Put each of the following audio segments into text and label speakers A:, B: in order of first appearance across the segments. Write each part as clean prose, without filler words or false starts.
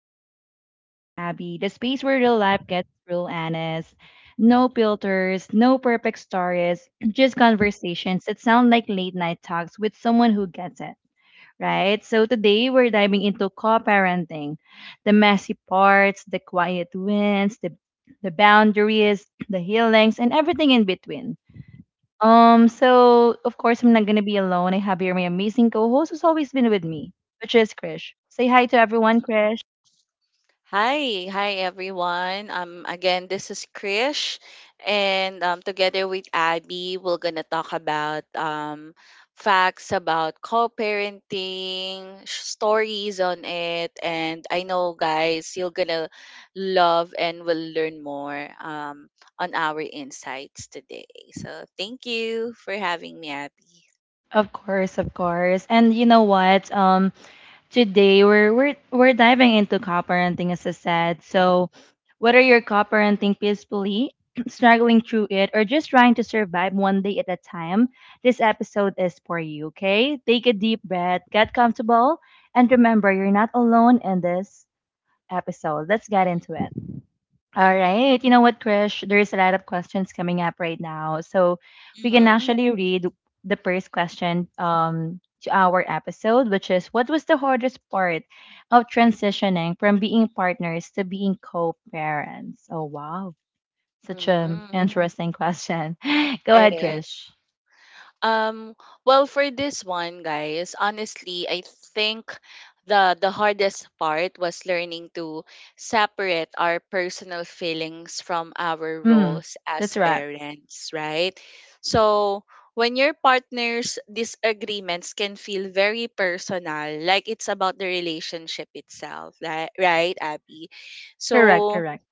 A: me, your host Abby, the space where real life gets real honest. No filters, no perfect stories, just conversations that sound like late night talks with someone who gets it, right? So today we're diving into co-parenting, the messy parts, the quiet wins, the boundaries, the healings, and everything in between. So of course I'm not gonna be alone. I have here my amazing co-host who's always been with me, which is Krish. Say hi to everyone, Krish.
B: Hi, hi, everyone. Again, this is Krish, and together with Abby, we're gonna talk about facts about co-parenting, stories on it, and I know, guys, you're gonna love and will learn more on our insights today. So thank you for having me, Abby.
A: Of course, of course. And you know what? Today we're diving into co-parenting, as I said. So, whether you're co-parenting peacefully, struggling through it, or just trying to survive one day at a time, this episode is for you. Okay? Take a deep breath, get comfortable, and remember you're not alone in this episode. Let's get into it. All right. You know what, Krish? There's a lot of questions coming up right now. So we can
B: Mm-hmm.
A: actually read the first question to our episode, which is: what was the hardest part of transitioning from being partners to being co parents? Oh, wow. Such an
B: Mm-hmm.
A: interesting question. Go
B: It
A: ahead,
B: is.
A: Krish.
B: Um, well, for this one, guys, honestly, I think the hardest part was learning to separate our personal feelings from our
A: Mm,
B: roles
A: that's
B: as
A: right.
B: parents, right? So when your partner's disagreements can feel very personal, like it's about the relationship itself, right, Abby?
A: Correct,
B: So.
A: correct.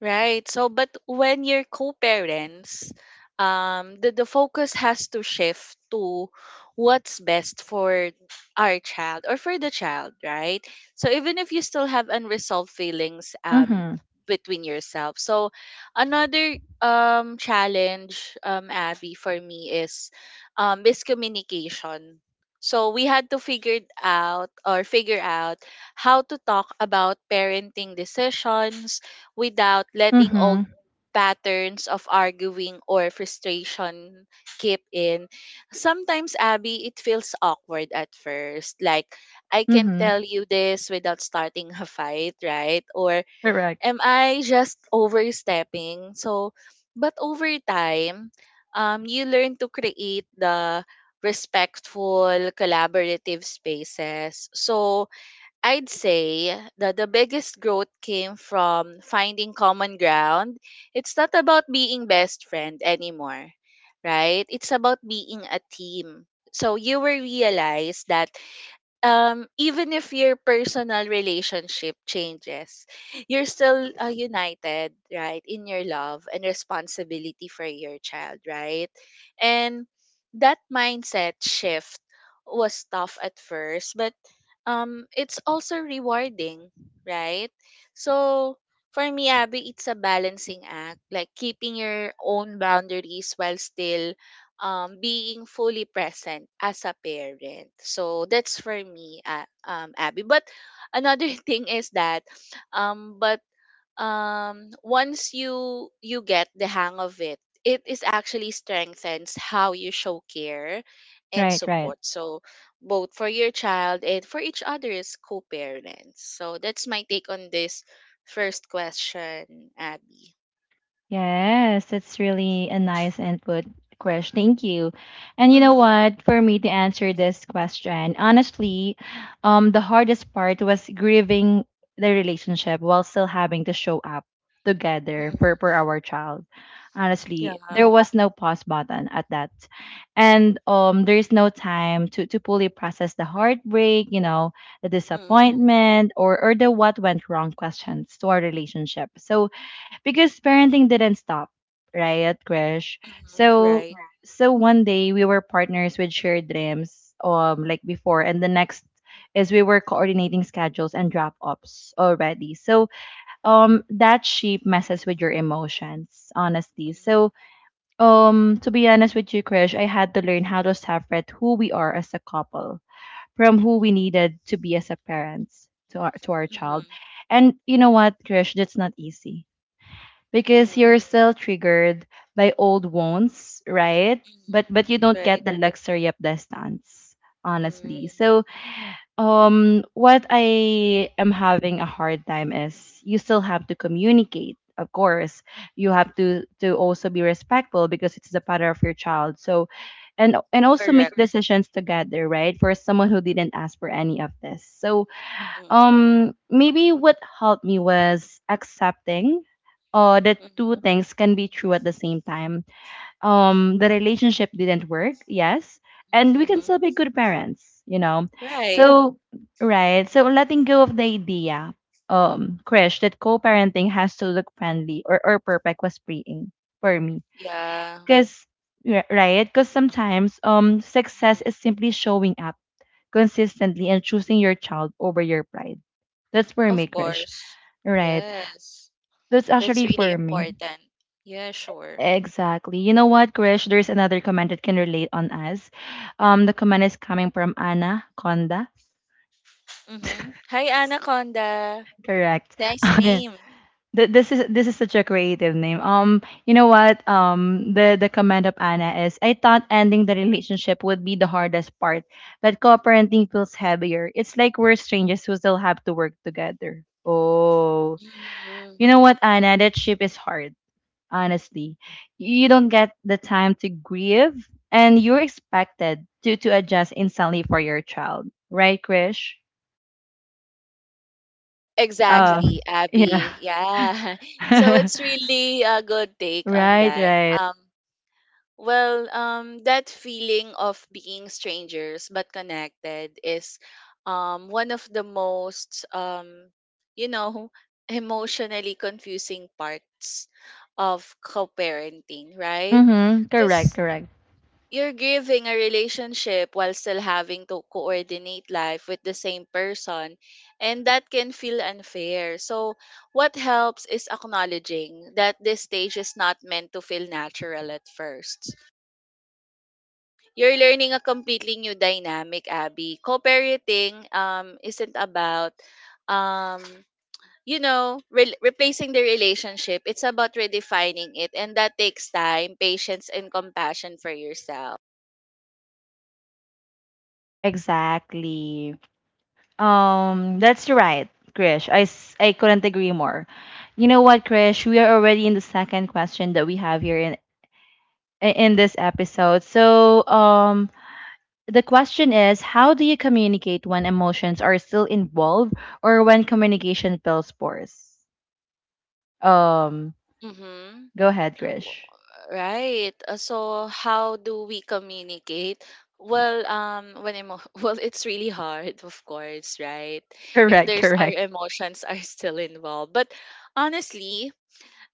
B: Right. So, but when you're co-parents, the focus has to shift to what's best for our child or for the child, right? So even if you still have unresolved feelings
A: Mm hmm.
B: between yourself. So another challenge, Abby, for me is miscommunication. So we had to figure it out, or figure out how to talk about parenting decisions without
A: Mm
B: letting
A: hmm.
B: old patterns of arguing or frustration keep in. Sometimes, Abby, it feels awkward at first. Like, I
A: Mm
B: can
A: hmm.
B: tell you this without starting a fight, right? Or
A: Correct.
B: am I just overstepping? So, but over time, you learn to create the respectful, collaborative spaces. So, I'd say that the biggest growth came from finding common ground. It's not about being best friend anymore, right? It's about being a team. So you will realize that even if your personal relationship changes, you're still united, right, in your love and responsibility for your child, right. And that mindset shift was tough at first, but it's also rewarding, right. So for me, Abby, it's a balancing act, like keeping your own boundaries while still being fully present as a parent. So that's for me, Abby. But another thing is that, but once you get the hang of it, it is actually strengthens how you show care and
A: Right, right.
B: support. So both for your child and for each other's co-parents. So that's my take on this first question, Abby.
A: Yes, that's really a nice input, Krish. Thank you. And you know
B: Mm-hmm,
A: what? For me to answer this question, honestly, the hardest part was grieving the relationship while still having to show up together for,
B: mm-hmm.
A: for our child.
B: Yeah.
A: Honestly, there was no pause button at that. And there is no time to fully process the heartbreak, the
B: Mm-hmm,
A: disappointment or the what went wrong questions to our relationship. So because parenting didn't stop, right, Krish?
B: mm-hmm.
A: So
B: Right.
A: right, so one day we were partners with shared dreams, like before, and the next is we were coordinating schedules and drop offs already. So that shape messes with your emotions, honestly.
B: Mhm,
A: So to be honest with you, Krish, I had to learn how to separate who we are as a couple from who we needed to be as a parents to our
B: mhm,
A: child. And you know what, Krish, that's not easy because
B: mhm,
A: you're still triggered by old wounds, right?
B: mhm.
A: But you don't
B: Right.
A: get the luxury of distance,
B: Mm,
A: honestly. So what I am having a hard time is you still have to communicate, of course. You have to also be respectful because it's the father of your child. So and also
B: correct.
A: make decisions together, right? For someone who didn't ask for any of this. So
B: Mm,
A: maybe what helped me was accepting that
B: mhm,
A: two things can be true at the same time. The relationship didn't work, yes, and we can
B: mhm.
A: still be good parents.
B: Right.
A: So, right, so letting go of the idea, Krish, that co-parenting has to look friendly or perfect was freeing for me,
B: Yeah.
A: because right, because sometimes success
B: Mm-mm.
A: is simply showing up consistently and choosing your child over your pride. That's for
B: Of
A: me, Krish.
B: course.
A: Right.
B: Yes.
A: That's
B: That's
A: actually
B: really
A: for me.
B: important. Yeah, sure.
A: Exactly. You know what, Krish? There's another comment that can relate on us. The comment is coming from Anna Conda.
B: Mm-hmm. Hi, Anaconda.
A: Correct.
B: Nice name.
A: This is such a creative name. You know what? The comment of Anna is: I thought ending the relationship would be the hardest part, but co-parenting feels heavier. It's like we're strangers who still have to work together. Oh,
B: Mhm.
A: you know what, Anna? That ship is hard. Honestly, you don't get the time to grieve, and you're expected to adjust instantly for your child, right, Krish?
B: Exactly,
A: Exactly.
B: Abby. Yeah. So
A: Yeah.
B: it's really a good take on
A: Right,
B: that.
A: right.
B: Um, Well, that feeling of being strangers but connected is one of the most, you know, emotionally confusing parts of co parenting, right?
A: Mm-hmm. Correct,
B: Because
A: correct.
B: you're grieving a relationship while still having to coordinate life with the same person, and that can feel unfair. So, what helps is acknowledging that this stage is not meant to feel natural at first. You're learning a completely new dynamic, Abby. Co-parenting isn't about um replacing the relationship. It's about redefining it, and that takes time, patience, and compassion for yourself.
A: Exactly. That's right, Krish. I, s- I couldn't agree more. You know what, Krish? We are already in the second question that we have here in this episode. So, the question is: how do you communicate when emotions are still involved or when communication feels forced? Um,
B: Mhm.
A: go ahead,
B: W-
A: Krish.
B: Right. So how do we communicate? Well, well, it's really hard, of course, right? If
A: Correct,
B: there's, our
A: correct.
B: emotions are still involved. But honestly,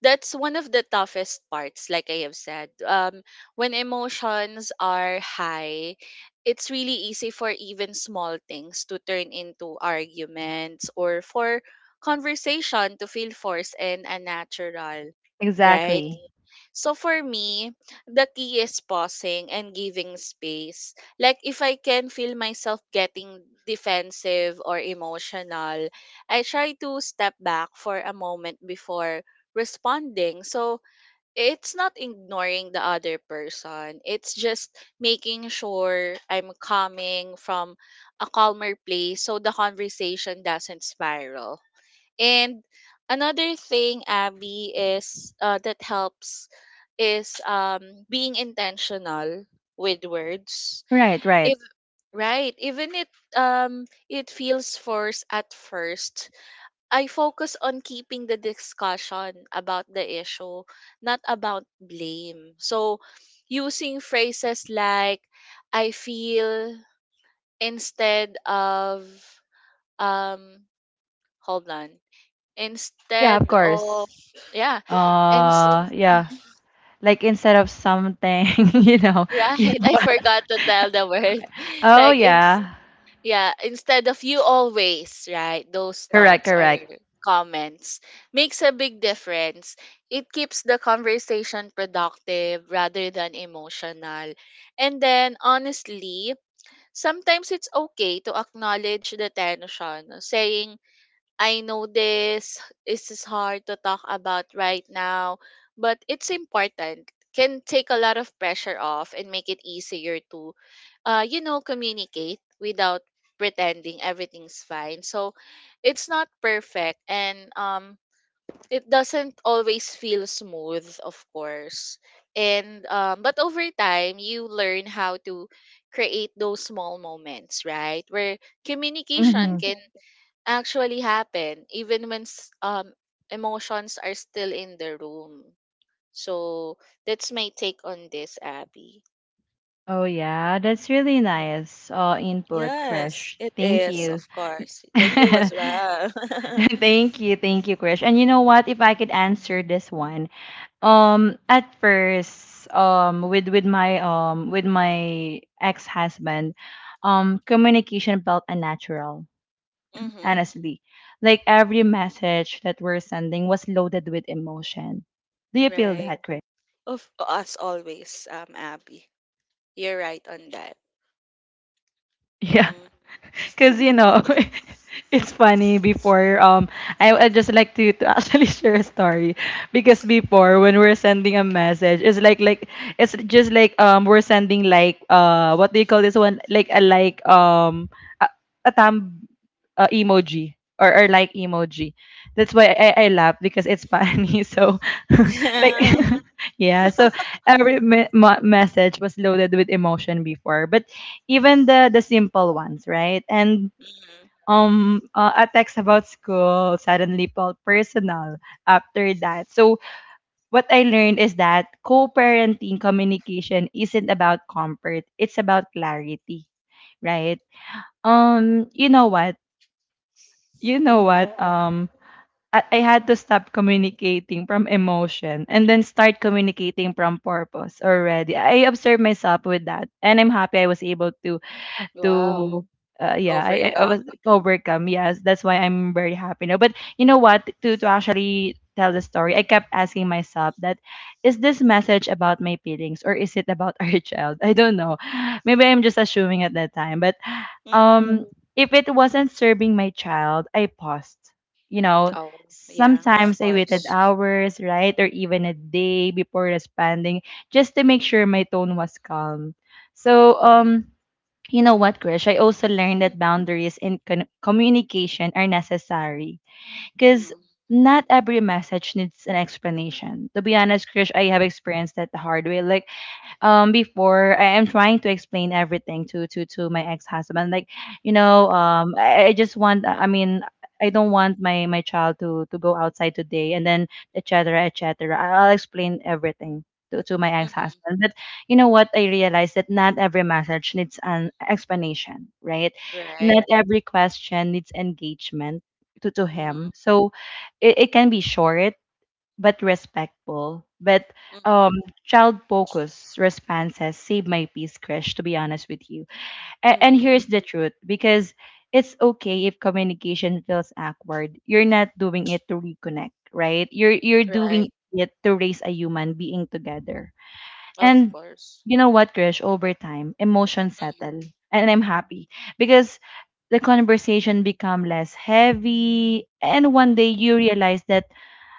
B: that's one of the toughest parts, like I have said. When emotions are high, it's really easy for even small things to turn into arguments, or for conversation to feel forced and unnatural, right.
A: Exactly.
B: So for me, the key is pausing and giving space. Like, if I can feel myself getting defensive or emotional, I try to step back for a moment before responding. So it's not ignoring the other person. It's just making sure I'm coming from a calmer place so the conversation doesn't spiral. And another thing, Abby, is that helps is being intentional with words.
A: Right, right.
B: If Right, even it feels forced at first. I focus on keeping the discussion about the issue, not about blame. So, using phrases like "I feel" instead of, um hold on,
A: Yeah, of
B: instead of,
A: course.
B: yeah, and
A: Yeah. Like instead of something, you know, you
B: right,
A: know
B: I
A: what?
B: forgot to tell the word.
A: Oh
B: Like, it's,
A: yeah.
B: yeah, instead of "you always right" those
A: Correct,
B: thoughts or
A: correct.
B: comments makes a big difference. It keeps the conversation productive rather than emotional. And then, honestly, sometimes it's okay to acknowledge the tension, saying, "I know, this is hard to talk about right now, but it's important." Can take a lot of pressure off and make it easier to communicate without pretending everything's fine. So, it's not perfect, and it doesn't always feel smooth, of course. And but over time, you learn how to create those small moments, right, where communication
A: Hmm.
B: can actually happen, even when emotions are still in the room. So that's my take on this, Abby.
A: Oh yeah, that's really
B: Mhm.
A: nice. Input,
B: Yes,
A: Krish.
B: it
A: Thank
B: is,
A: you.
B: of course. Thank you as well.
A: Thank you, Krish. And you know what? If I could answer this one, at first, with my ex husband, communication felt unnatural
B: Mm-hmm.
A: honestly. Like every message that we're sending was loaded with emotion. Do you feel
B: Right.
A: that, Chris?
B: Of, as always, Abby. You're right on that.
A: Yeah.
B: Mm-hmm.
A: Because you know it's funny before I would just like to actually share a story because before when we're sending a message it's like it's just like we're sending like what do you call this one, like a like a, a thumb emoji, or like emoji, that's why I laugh because it's funny so like
B: Yeah.
A: yeah so every message was loaded with emotion before but even the simple ones, right? And
B: Mm-hmm.
A: a text about school suddenly felt personal after that. So what I learned is that co-parenting communication isn't about comfort; it's about clarity, right? You know what? You know
B: Mm-hmm.
A: what? I had to stop communicating from emotion and then start communicating from purpose already. I observed myself with that, and I'm happy I was able
B: Wow.
A: to yeah, I was
B: Overcome.
A: overcome. Yes, that's why I'm very happy now. But you know what? To actually tell the story, I kept asking myself that: is this message about my feelings or is it about our child? I don't know. Maybe I'm just assuming at that time. But
B: Mm-hmm.
A: um, if it wasn't serving my child, I paused. You know,
B: Oh, yeah, of
A: sometimes I waited
B: course.
A: hours, right, or even a day before responding, just to make sure my tone was calm. So
B: Mm-hmm.
A: you know what, Krish? I also learned that boundaries in con- communication are necessary because
B: Mm-hmm.
A: not every message needs an explanation. To be honest, Krish, I have experienced that the hard way. Like, before I am trying to explain everything to my ex-husband, like you know I just want, I mean, I don't want my child to go outside today and then etc etc I'll explain everything to my
B: Mm-hmm.
A: ex-husband but you know what, I realized that not every message needs an explanation, right, not
B: Right.
A: every question needs engagement to him,
B: Mhm.
A: so it can be short but respectful. But um,
B: Mhm.
A: child focused responses save my peace, Krish, to be honest with you. And
B: Mhm.
A: here's the truth because it's okay if communication feels awkward. You're not doing it to reconnect, right? You're
B: Right.
A: doing it to raise a human being together.
B: Of
A: And
B: course.
A: you know what, Krish, over time, emotions
B: Mhm.
A: settle. And I'm happy because the conversation become less heavy. And one day
B: Mhm.
A: you realize that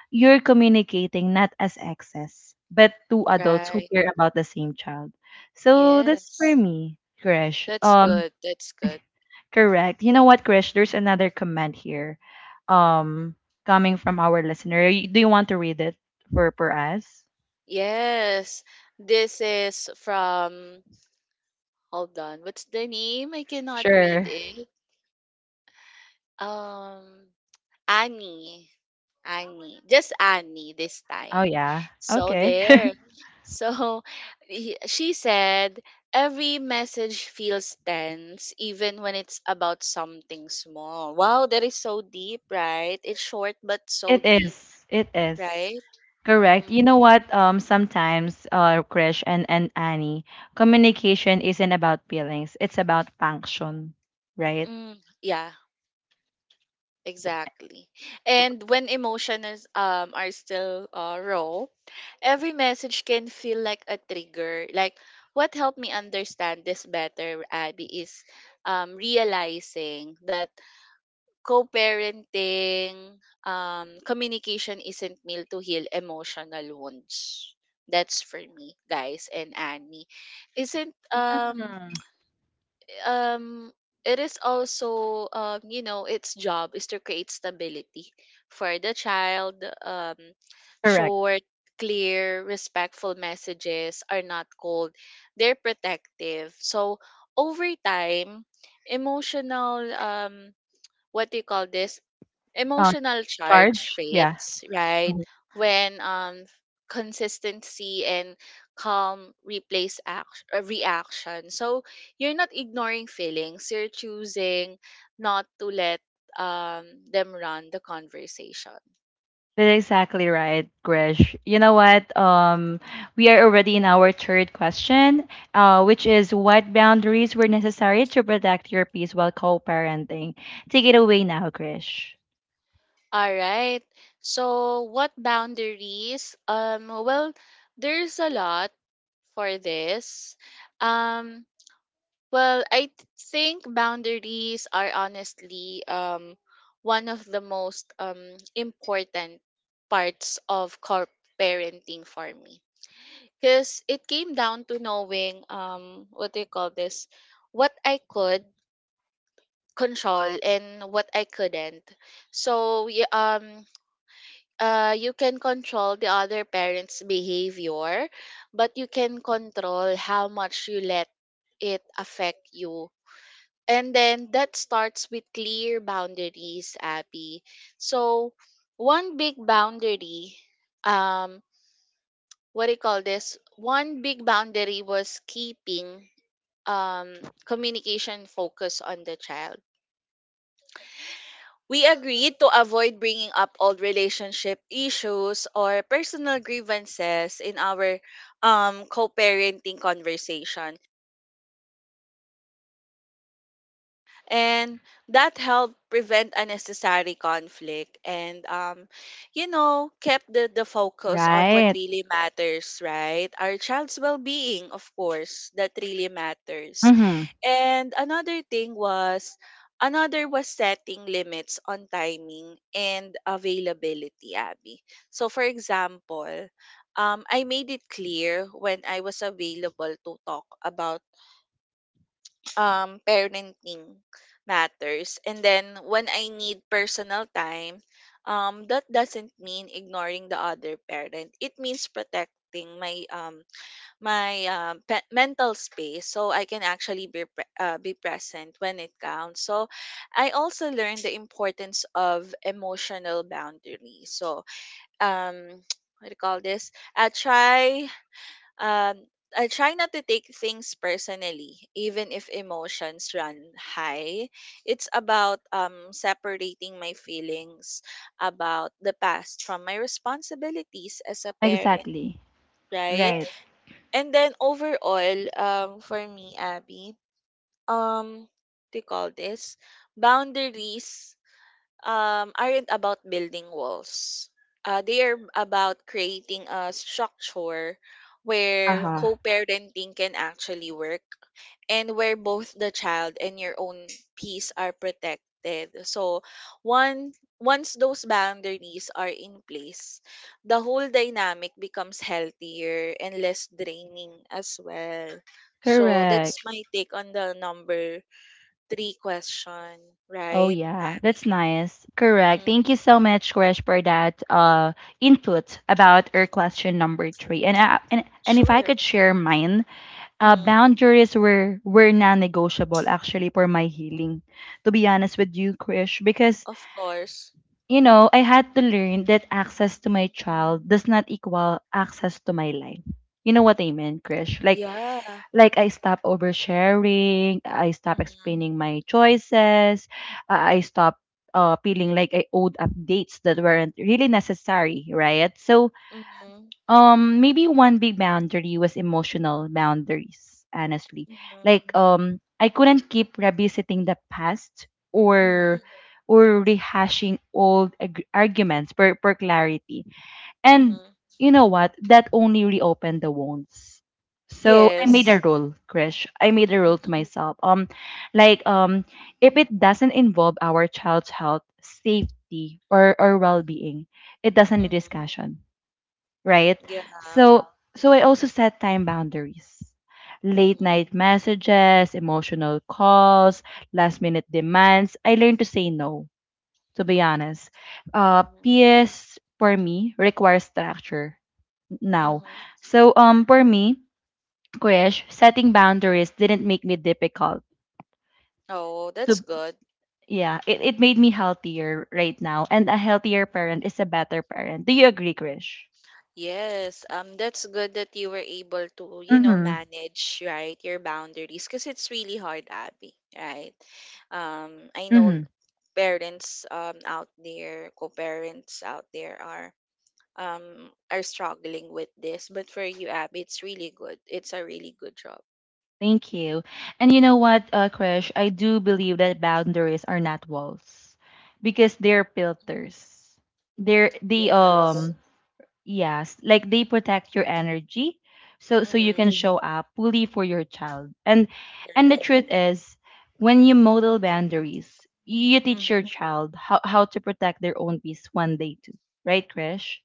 A: you're communicating not as exes, but two adults who
B: Right.
A: care about the same child. So that's for
B: Yes.
A: me, Krish.
B: That's good. That's good.
A: Correct. You know what, Krish? There's another comment here, um, coming from our listener. Y- Do you want to read it for us?
B: Yes. This is from— hold on. What's the name? I cannot read
A: Sure.
B: it. Um Annie. Annie, just Annie this
A: Oh
B: time.
A: yeah.
B: So
A: Okay.
B: there. So she said, "Every message feels tense, even when it's about something small." Wow, that is so deep, right? It's short but so
A: It
B: deep,
A: is. It is.
B: right?
A: Correct. You
B: Mm-hmm.
A: know what? Sometimes, Krish and Annie, communication isn't about feelings. It's about function, right?
B: Mm, yeah. Exactly. And when emotions are still raw, every message can feel like a trigger. Like, what helped me understand this better, Abby, is realizing that co-parenting communication isn't meant to heal emotional wounds. That's for me, guys, and Annie. Isn't
A: Mm,
B: um it is also its job is to create stability for the child. um
A: correct.
B: Short, clear, respectful messages are not cold, they're protective. So over time, emotional— what do you call this
A: Uh,
B: emotional charge
A: charge? Yeah.
B: fades, right?
A: Mhm.
B: When consistency and calm replace action, reaction. So you're not ignoring feelings, you're choosing not to let um them run the conversation.
A: That's exactly right, Grish. You know what? We are already in our third question, which is: what boundaries were necessary to protect your peace while co-parenting? Take it away now, Grish.
B: All right. So what boundaries? Well, there's a lot for this. Um Well, I think boundaries are honestly one of the most important parts of corp parenting for me. Because it came down to knowing, what do you call this? What I could control and what I couldn't. So you can control the other parent's behavior, but you can control how much you let it affect you. And then that starts with clear boundaries, Abby. So one big boundary, um, what do you call this? One big boundary was keeping um, communication focus on the child. We agreed to avoid bringing up old relationship issues or personal grievances in our co-parenting conversation, and that helped prevent unnecessary conflict, and kept the focus on what
A: Right.
B: really matters, right? Our child's well-being, of course, that really matters.
A: Mm-hmm.
B: And another was setting limits on timing and availability, Abby. So for example, I made it clear when I was available to talk about parenting matters, and then when I need personal time. That doesn't mean ignoring the other parent, it means protecting my mental space so I can actually be present when it counts. So I also learned the importance of emotional boundaries. So um what do you call this? Um I try not to take things personally, even if emotions run high. It's about separating my feelings about the past from my responsibilities as a parent,
A: Exactly.
B: right?
A: Right.
B: And then overall, for me, Abby, what do you call this? Boundaries aren't about building walls. They are about creating a structure where
A: Uh-huh.
B: co-parenting can actually work, and where both the child and your own peace are protected. So one once those boundaries are in place, the whole dynamic becomes healthier and less draining as well. So that's
A: Correct.
B: my take on the number three question,
A: Oh
B: right,
A: yeah,
B: Abby?
A: that's nice. Correct.
B: Hmm.
A: Thank you so much, Krish, for that input about our question number three. And if I
B: Sure.
A: could share mine,
B: Mhm.
A: boundaries were non-negotiable actually for my healing. To be honest with you, Krish, because
B: Of course.
A: you know I had to learn that access to my child does not equal access to my life. You know what I mean, Krish?
B: Yeah.
A: Like I stop oversharing, I stop
B: Mhm.
A: explaining my choices, I stop feeling like I owed updates that weren't really necessary, right? So
B: Mhm.
A: maybe one big boundary was emotional boundaries, honestly.
B: Mhm.
A: Like I couldn't keep revisiting the past
B: Mhm.
A: or rehashing old arguments for clarity and
B: Mhm.
A: you know what? That only reopened the wounds. So I made a
B: Yes.
A: rule, Krish. I made a rule to
B: Mhm.
A: myself. Like if it doesn't involve our child's health, safety, or well-being, it doesn't need
B: Mhm.
A: discussion, right?
B: Yeah.
A: So so I also set time boundaries, late
B: Mhm.
A: night messages, emotional calls, last-minute demands. I learned to say no. To be honest,
B: Mhm.
A: PS for me requires structure now.
B: Mhm.
A: So for me, Krish, setting boundaries didn't make me difficult.
B: Oh, that's
A: To
B: good.
A: it made me healthier right now. And a healthier parent is a better parent. Do you agree, Krish?
B: Yes. That's good that you were able to,
A: Mm-hmm.
B: manage, right, your boundaries because it's really hard, Abby, right? I know
A: Mm-hmm.
B: parents out there, co-parents out there are struggling with this. But for you, Ab, it's really good. It's a really good job.
A: Thank you. And you know what, Krish, I do believe that boundaries are not walls because they're
B: Hmm.
A: filters. They're the
B: Yes.
A: Yes, like they protect your energy so you
B: Mm-hmm.
A: can show up fully for your child. And the
B: Correct.
A: truth is when you model boundaries, you teach your
B: Mm-hmm.
A: child how to protect their own peace one day too. Right, Krish?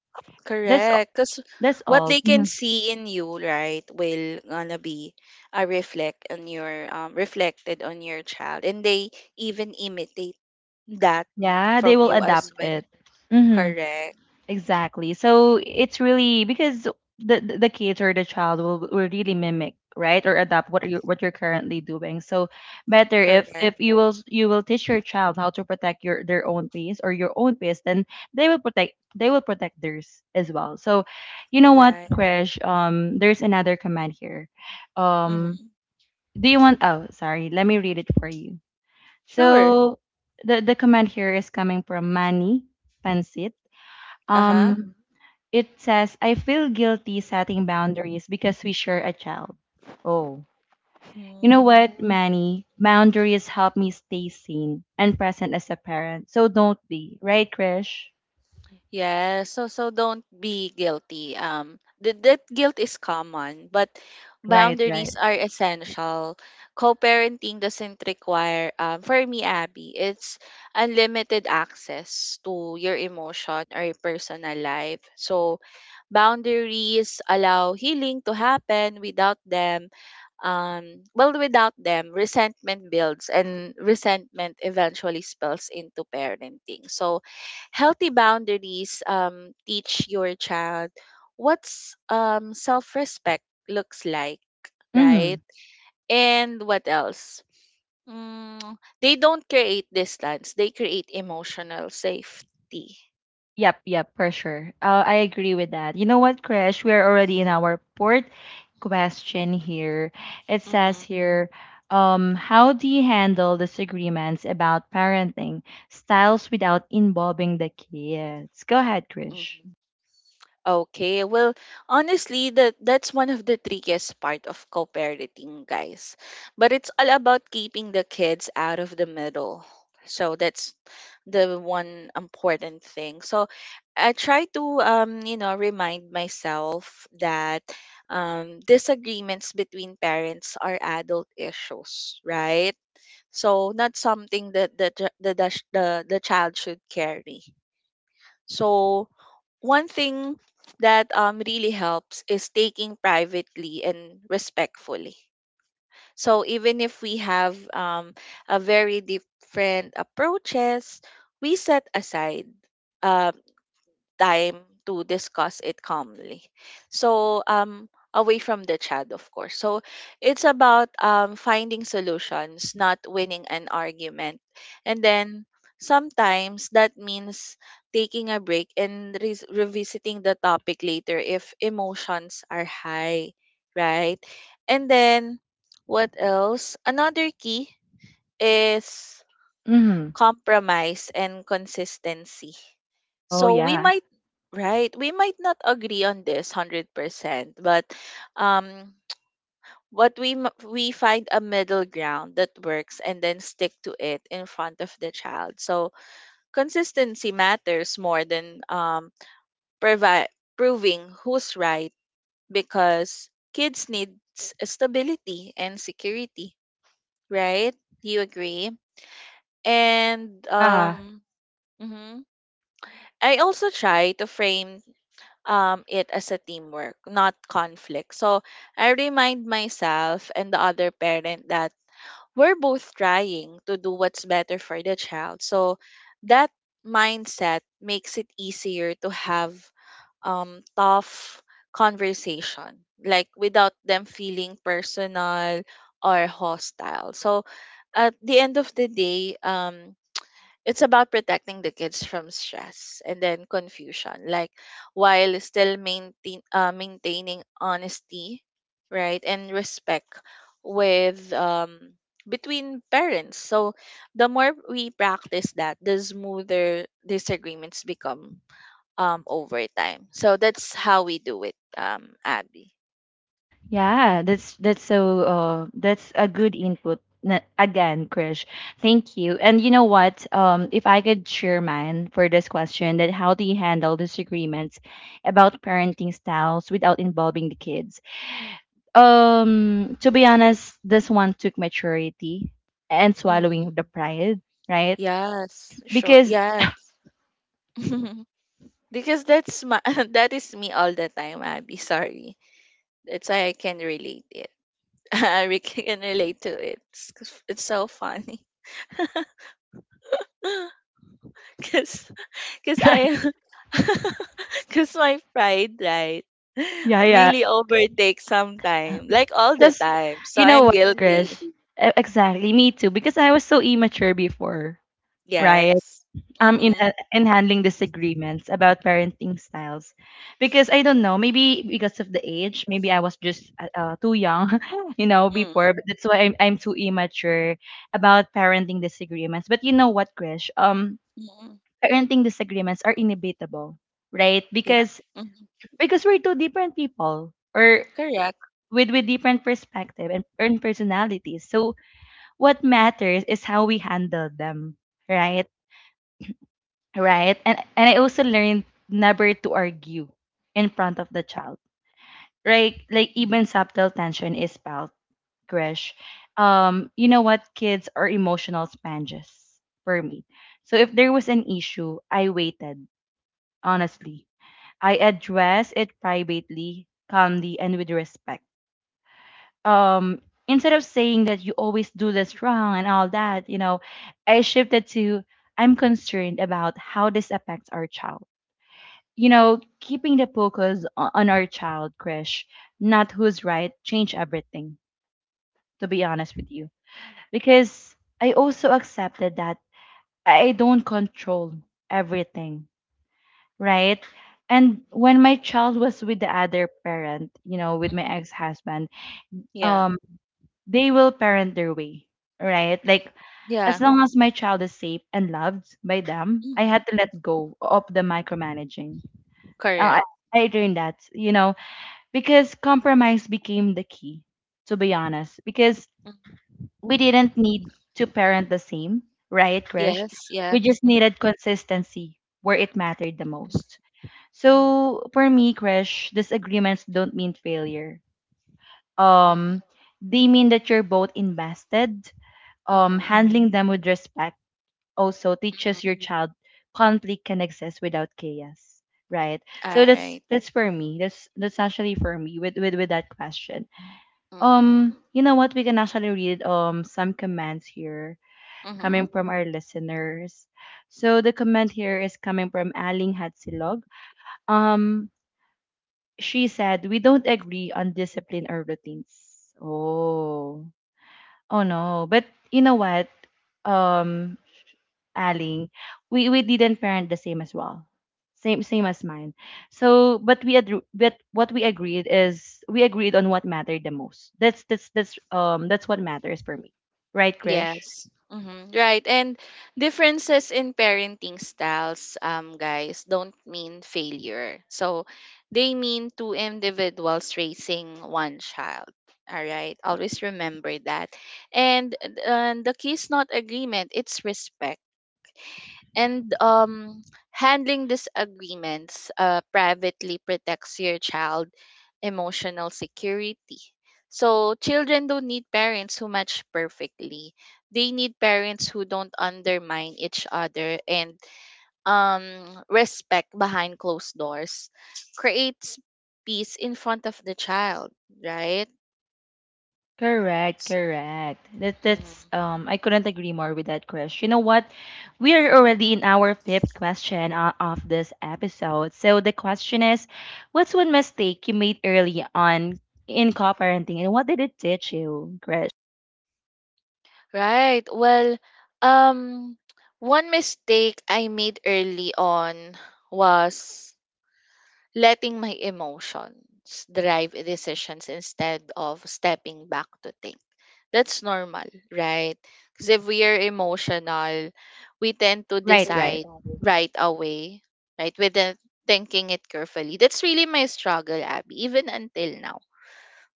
A: That's a-
B: Correct. Because
A: that's
B: what
A: all.
B: they can
A: Mhm.
B: see in you, right, will gonna be a reflect on your reflected on your child, and they even imitate that
A: Yeah, they
B: from
A: will
B: you as
A: adapt
B: well.
A: it. Mhm.
B: Correct.
A: Exactly. So it's really because the kids or the child will really mimic, right, or adapt what you're currently doing. So better if
B: Correct.
A: if you will teach your child how to protect your their own peace or your own peace, then they will protect theirs as well. So you know what,
B: Yeah.
A: Krish? There's another command here. Um,
B: Mm-hmm.
A: do you want? Oh, sorry. Let me read it for you.
B: Sure.
A: So the command here is coming from Manny Pansit.
B: Uh
A: Um, it says, I feel guilty setting boundaries because we share a child. Oh. You know
B: huh.
A: what, Manny? Boundaries help me stay sane and present as a parent. So don't be. Right, Krish?
B: Yeah, so don't be guilty. That guilt is common, but
A: Right,
B: boundaries
A: right.
B: are essential. Co-parenting doesn't require, for me, Abby, it's unlimited access to your emotion or your personal life. So boundaries allow healing to happen. Without them— well, without them, resentment builds, and resentment eventually spills into parenting. So, healthy boundaries teach your child what's self respect looks like,
A: Mm-hmm.
B: right? And what else? They don't create distance, they create emotional safety.
A: Yep, yep, for sure. I agree with that. You know what, Krish? We are already in our fourth question here. It
B: Mm-hmm.
A: says here, how do you handle disagreements about parenting styles without involving the kids? Go ahead, Krish.
B: Okay, well, honestly, that's one of the trickiest part of co-parenting, guys. But it's all about keeping the kids out of the middle. So that's the one important thing. So I try to remind myself that disagreements between parents are adult issues, right? So not something that the ch- the child should carry. So, one thing that really helps is taking privately and respectfully. So, even if we have a very different approaches, we set aside. uh, Time to discuss it calmly. So, away from the chat, of course. So, it's about finding solutions, not winning an argument. And then sometimes that means taking a break and revisiting the topic later if emotions are high, right? And then, what else? Another key is
A: Mm.
B: compromise and consistency.
A: Oh
B: So we
A: yeah.
B: might right, we might not agree on this 100%, but um we find a middle ground that works and then stick to it in front of the child. So consistency matters more than provi- proving who's right because kids need stability and security, right? Do you agree? And
A: Ah,
B: mhm. I also try to frame it as a teamwork, not conflict. So I remind myself and the other parent that we're both trying to do what's better for the child. So that mindset makes it easier to have tough conversation, like without them feeling personal or hostile. So at the end of the day, it's about protecting the kids from stress and then confusion, like while still maintaining honesty, right, and respect with between parents. So the more we practice that, the smoother disagreements become over time. So that's how we do it, Abby.
A: yeah. That's so. That's a good input. Again, Krish, thank you. And you know what? If I could share mine for this question, that how do you handle disagreements about parenting styles without involving the kids? To be honest, this one took maturity and
B: Hmm,
A: swallowing of the pride, right?
B: yes, sure,
A: Because,
B: yes. because that's my That is me all the time, Abby, sorry. That's why I can relate it. Can relate to it. It's so funny. Cause, cause
A: right?
B: I, Cause my pride, right,
A: Yeah, yeah.
B: really overtakes
A: Uh,
B: sometime, like all the
A: Because
B: time. So
A: you
B: I'm
A: know what, Krish?
B: guilty.
A: Exactly, me too. Because I was so immature before, right?
B: Yes.
A: In
B: Mm-hmm.
A: ha- in handling disagreements about parenting styles, because I don't know, maybe because of the age, maybe I was just too young, you know, before.
B: Mm-hmm.
A: But that's why I'm too immature about parenting disagreements. But you know what, Krish?
B: Mm-hmm.
A: Parenting disagreements are inevitable, right?
B: Yeah.
A: Because
B: Mm-hmm.
A: because we're two different people. Or
B: Correct.
A: with different perspective and personalities. So what matters is how we handle them, right? Right. And I also learned never to argue in front of the child. Right? Like even subtle tension is felt, Krish. You know what? Kids are emotional sponges for me. So if there was an issue, I waited, honestly. I addressed it privately, calmly, and with respect um instead of saying that you always do this wrong and all that, you know, I shifted to, I'm concerned about how this affects our child, you know, keeping the focus on our child, Krish, not who's right, change everything, to be honest with you, because I also accepted that I don't control everything, right? And when my child was with the other parent, you know, with my
B: Mm-hmm.
A: ex-husband,
B: Yeah.
A: um they will parent their way, right?
B: Mm-hmm.
A: Like
B: Yeah.
A: as long as my child is safe and loved by them, I
B: Mm-hmm.
A: had to let go of the micromanaging. Uh,
B: Correct.
A: I, I learned that, you know, because compromise became the key, to be honest, because
B: Mm-hmm.
A: we didn't need to parent the same, right, Krish?
B: Yes. Yeah.
A: We just
B: Mm-hmm.
A: needed consistency where it mattered the most.
B: Mm-hmm.
A: So for me, Krish, disagreements don't mean failure. Um,
B: Mm-hmm.
A: they mean that you're both invested,
B: Mm-hmm.
A: handling them with respect also
B: Mm-hmm.
A: teaches your child conflict can exist without chaos, right?
B: All
A: So that's
B: right.
A: that's for me, that's actually for me with with that question.
B: Mhm.
A: You know what, we can actually read some comments here coming
B: Mhm.
A: from our listeners. So the comment here is coming from Aling Hatsilog. um she said, we don't agree on discipline or routines. Oh, oh no. But you know what, um Aling, we didn't parent the same as well. Same, same as mine. So, but we agreed. But what we agreed is we agreed on what mattered the most. That's what matters for me, right, Krish?
B: Yes. Mhm. Right. And differences in parenting styles, guys, don't mean failure. So they mean two individuals raising one child. All right, always remember that. And, and the key is not agreement, it's respect. And handling disagreements privately protects your child emotional security. So children don't need parents who match perfectly. They need parents who don't undermine each other and, um, respect behind closed doors. Creates peace in front of the child, right?
A: Correct, correct. That that's
B: Mm-hmm.
A: um I couldn't agree more with that, Krish. You know what? We are already in our fifth question, of this episode. So the question is, what's one mistake you made early on in co-parenting, and what did it teach you?
B: Right. Well, um, one mistake I made early on was letting my emotions drive decisions instead of stepping back to think. That's normal, right? Because if we are emotional, we
A: Right.
B: tend to
A: Right, They do right.
B: decide
A: that. But it's
B: right away, right? Without thinking it carefully. That's really my struggle, Abby, even until now.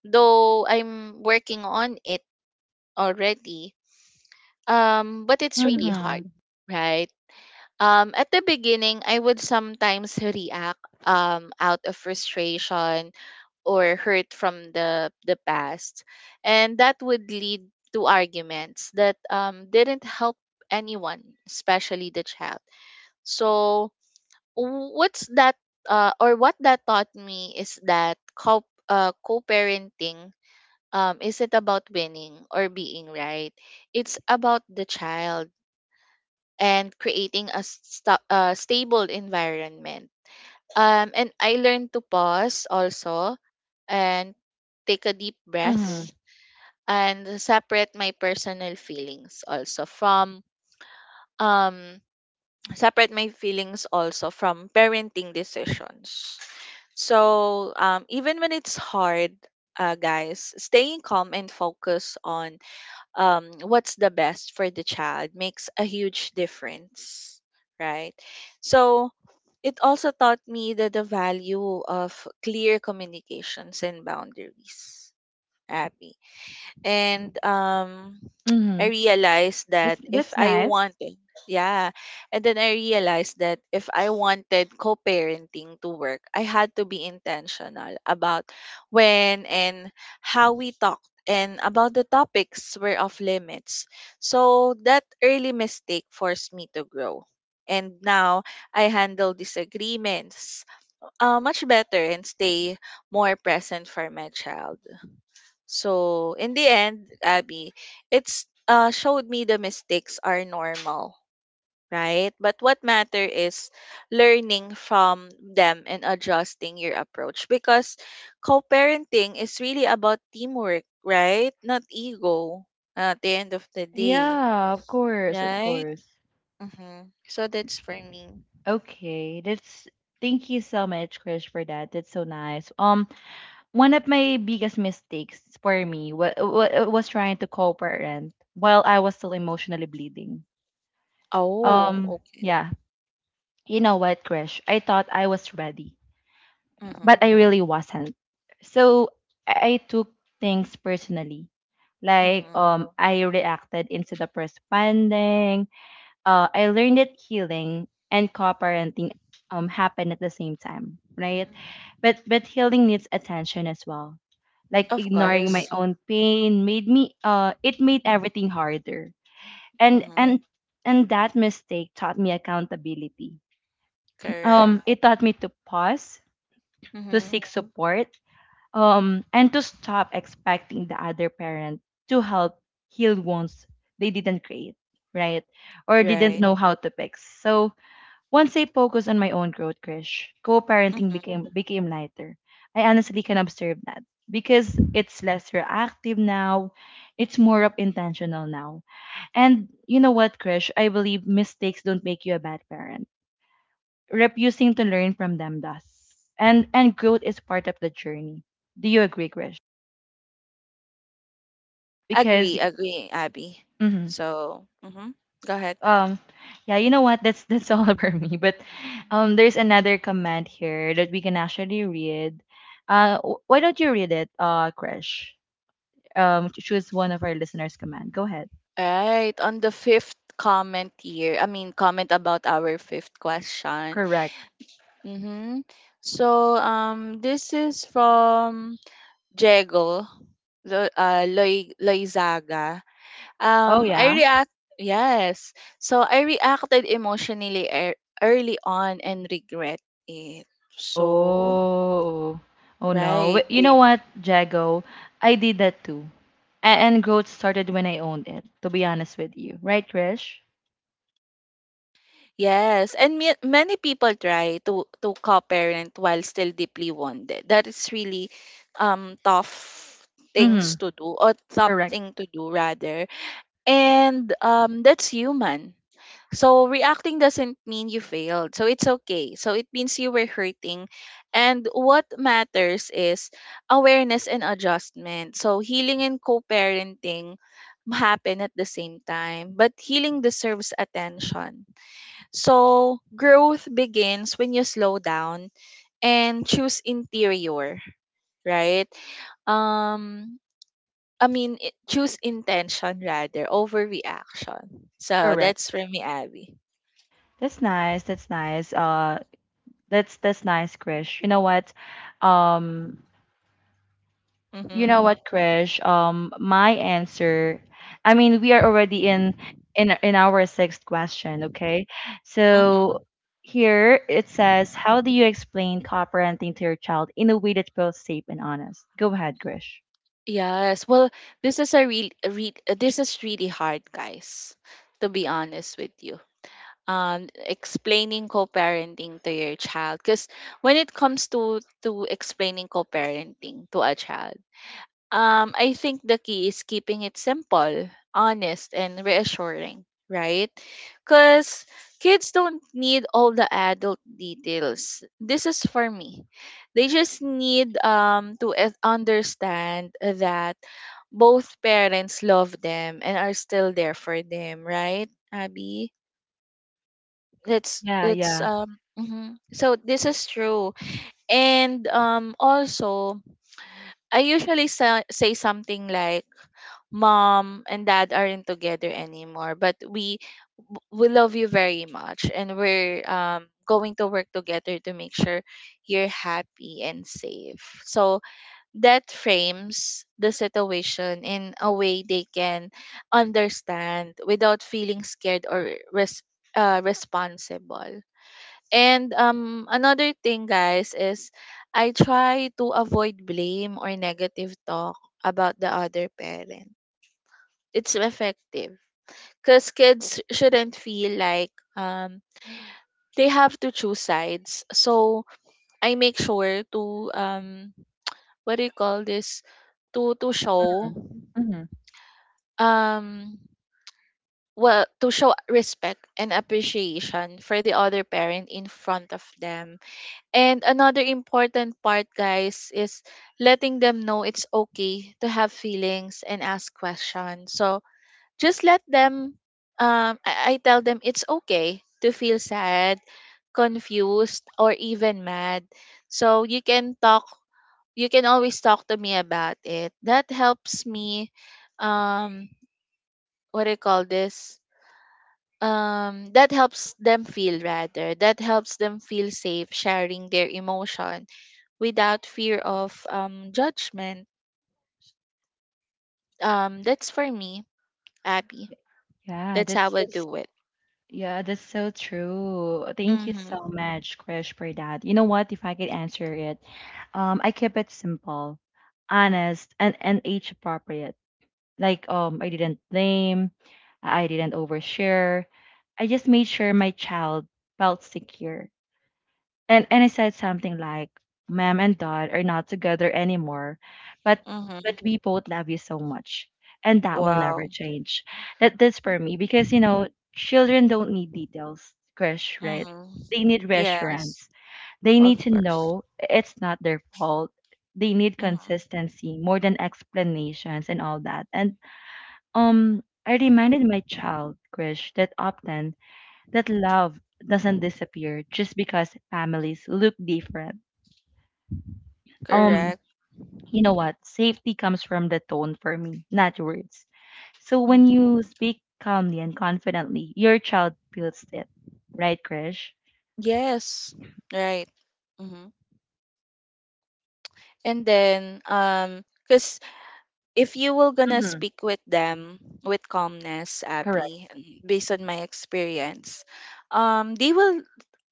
B: Though I'm working on it already, but it's really hard,
A: Mm-hmm.
B: right? At the beginning, I would sometimes react out of frustration or hurt from the past, and that would lead to arguments that didn't help anyone, especially the child. So, what's that? Or what that taught me is that co co-parenting isn't about winning or being right. It's about the child and creating a stable environment. And I learned to pause also and take a deep
A: Mm-hmm.
B: breath and um separate my feelings also from parenting decisions. So even when it's hard, guys, staying calm and focus on what's the best for the child makes a huge difference, right? So it also taught me that the value of clear communications and boundaries, Abby. And I
A: Mm-hmm.
B: realized that if
A: That's
B: I
A: nice.
B: wanted, yeah, and then I realized that if I wanted co-parenting to work, I had to be intentional about when and how we talked and about the topics were off limits. So that early mistake forced me to grow. And now I handle disagreements much better and stay more present for my child. So in the end, Abby, it's showed me the mistakes are normal, right? But what matter is learning from them and adjusting your approach because co-parenting is really about teamwork, right? Not ego at the end of the day,
A: Yeah, of course, of
B: right?
A: course.
B: Mm-hmm. So that's for me.
A: Okay, that's, thank you so much, Krish, for that. That's so nice. One of my biggest mistakes for me wa wa was trying to co-parent while I was still emotionally bleeding.
B: Oh, okay.
A: Yeah, you know what, Krish? I thought I was ready,
B: Mm-hmm.
A: but I really wasn't. So I took things personally. Like
B: Mm-hmm.
A: I reacted instead of responding. I learned that healing and co-parenting happen at the same time, right?
B: Mm-hmm.
A: But healing needs attention as well. Like
B: Of
A: ignoring my
B: course.
A: own pain made me it made everything harder. And
B: Mm-hmm.
A: and and that mistake taught me accountability.
B: Correct.
A: It taught me to pause, to
B: Mm-hmm.
A: seek support, and to stop expecting the other parent to help heal wounds they didn't create, right? Or didn't
B: Right.
A: know how to fix. So once I focused on my own growth, Krish, co-parenting
B: Mm-hmm.
A: became lighter. I honestly can observe that because it's less reactive now. It's more of intentional now. And you know what, Krish? I believe mistakes don't make you a bad parent. Refusing to learn from them does. And growth is part of the journey. Do you agree, Krish? Because
B: Agree, agree, Abby.
A: mhm.
B: So, mhm. Go ahead.
A: um yeah, you know what, that's all about me, but there's another comment here that we can actually read. Why don't you read it, Crash? Choose one of our listeners' command, go ahead.
B: Right. On the fifth comment here, I mean, comment about our fifth question.
A: Correct.
B: Mm-hmm. So, this is from Jego Loy, Loizaga.
A: Oh
B: Um, I
A: yeah.
B: react, yes. So, I reacted emotionally ear early on and regret it. So,
A: Oh, oh no.
B: right.
A: You know, wait, what? Jago, I did that too. And growth started when I owned it, to be honest with you, right, Crash?
B: Yes, and many people try to co-parent while still deeply wounded. That is really um tough
A: Mm-hmm.
B: tough
A: Correct.
B: thing to do rather. And that's human. So reacting doesn't mean you failed. So it's okay. So it means you were hurting. And what matters is awareness and adjustment. So healing and co-parenting happen at the same time, but healing deserves attention. So growth begins when you slow down and choose interior, right? Um, Choose intention rather over reaction. So,
A: Correct.
B: that's for me, Abby.
A: That's nice. That's nice. That's nice, Krish. You know what? Um, you know
B: Mm-hmm.
A: what, Krish? My answer. I mean, we are already in our sixth question, okay?
B: Mm-hmm.
A: So here it says, how do you explain co-parenting to your child in a way that's both safe and honest? Go ahead, Krish.
B: Yes. Well, this is really hard, guys, to be honest with you. Explaining co-parenting to your child, because When it comes to explaining co-parenting to a child, um, I think the key is keeping it simple, honest, and reassuring, right? Because kids don't need all the adult details. This is for me. They just need understand that both parents love them and are still there for them, right, Abby? That's
A: Yeah,
B: that's
A: yeah.
B: um. Mhm. So this is true, and also I say something like, mom and dad aren't together anymore, but we love you very much, and we're going to work together to make sure you're happy and safe. So that frames the situation in a way they can understand without feeling scared or responsible. And another thing, guys, is I try to avoid blame or negative talk about the other parent. It's effective cuz kids shouldn't feel like they have to choose sides. So I make sure to um what do you call this, to show
A: Hmm.
B: um to show respect and appreciation for the other parent in front of them. And another important part, guys, is letting them know it's okay to have feelings and ask questions. So just let them, I tell them it's okay to feel sad, confused, or even mad. So you can always talk to me about it. That helps me, um, what do you call this? That helps them feel safe sharing their emotion without fear of judgment. That's for me, Abby.
A: Yeah,
B: That's
A: that's
B: how I
A: that's
B: do it.
A: Yeah, that's so true. Thank you so
B: Mm-hmm.
A: much, Krish, for that. You know what? If I could answer it, I kept it simple, honest, and age appropriate. Like, I didn't blame, I didn't overshare. I just made sure my child felt secure, and I said something like, "Ma'am and Dad are not together anymore, but
B: Mm-hmm.
A: we both love you so much, and that will never
B: Wow.
A: change." That that's for me because you know children don't need details, Krish, right?
B: Mm-hmm.
A: They need
B: Yes,
A: reassurance. They
B: of
A: need to
B: course.
A: know it's not their fault. They need
B: Mm-hmm.
A: consistency more than explanations and all that. And I reminded my child, Krish, that often that love doesn't disappear just because families look different. Um,
B: Correct.
A: you know what? Safety comes from the tone for me, not words. So when
B: Mm-hmm.
A: you speak calmly and confidently, your child feels it. Right, Krish?
B: Yes. Right. Mm-hmm. And then, cause. If you were gonna speak with them with calmness,
A: Correct.
B: Abby, based on my experience, they will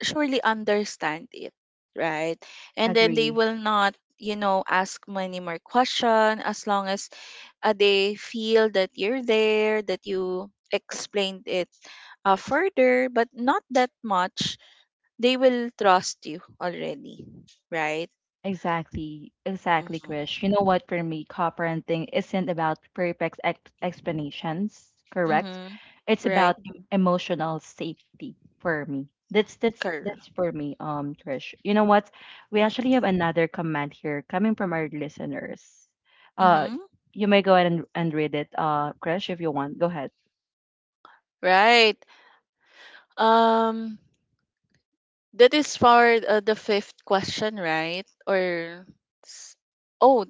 B: surely understand it, right? And then they
A: Agree.
B: will not, you know, ask many more questions as long as they feel that you're there, that you explained it further, but not that much. They will trust you already, right?
A: Exactly, exactly,
B: Mm-hmm.
A: Krish. You know what, for me, co-parenting isn't about perfect explanations, correct?
B: Mm-hmm.
A: It's
B: Right.
A: about emotional safety for me. That's that's
B: Correct.
A: that's for me, Krish. You know what? We actually have another comment here coming from our listeners. Uh,
B: Mm-hmm.
A: you may go ahead and read it, Krish, if you want. Go ahead.
B: Right. Um, that is for the fifth question, right? Or s- oh,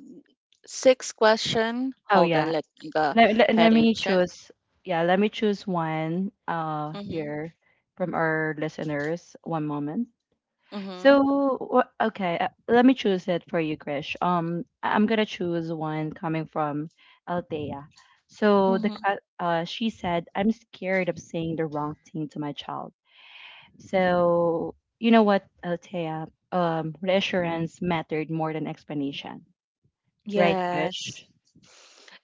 B: sixth question.
A: Oh
B: Hold
A: yeah.
B: on, let me go
A: Let
B: ahead and
A: me
B: check.
A: choose. Yeah, let me choose one
B: Mm-hmm.
A: here from our listeners. One moment.
B: Mm-hmm.
A: So, okay, let me choose it for you, Krish. I'm gonna choose one coming from Althea. So
B: Mm-hmm.
A: she said, "I'm scared of saying the wrong thing to my child." So you know what, Althea? Reassurance mattered more than explanation, right,
B: Yes.
A: Krish?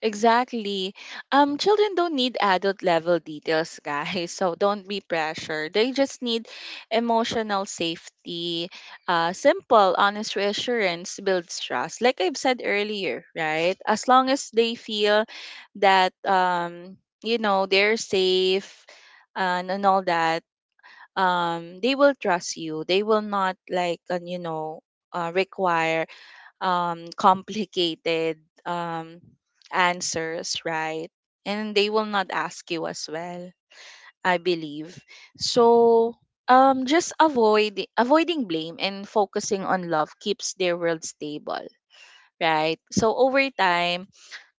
B: Exactly. Children don't need adult level details, guys. So don't be pressured. They just need emotional safety. Simple, honest reassurance builds trust. Like I've said earlier, right? As long as they feel that you know, they're safe and all that, they will trust you. They will not like, you know, require complicated um, answers, right? And they will not ask you as well, I believe. So just avoiding blame and focusing on love keeps their world stable, right? So over time,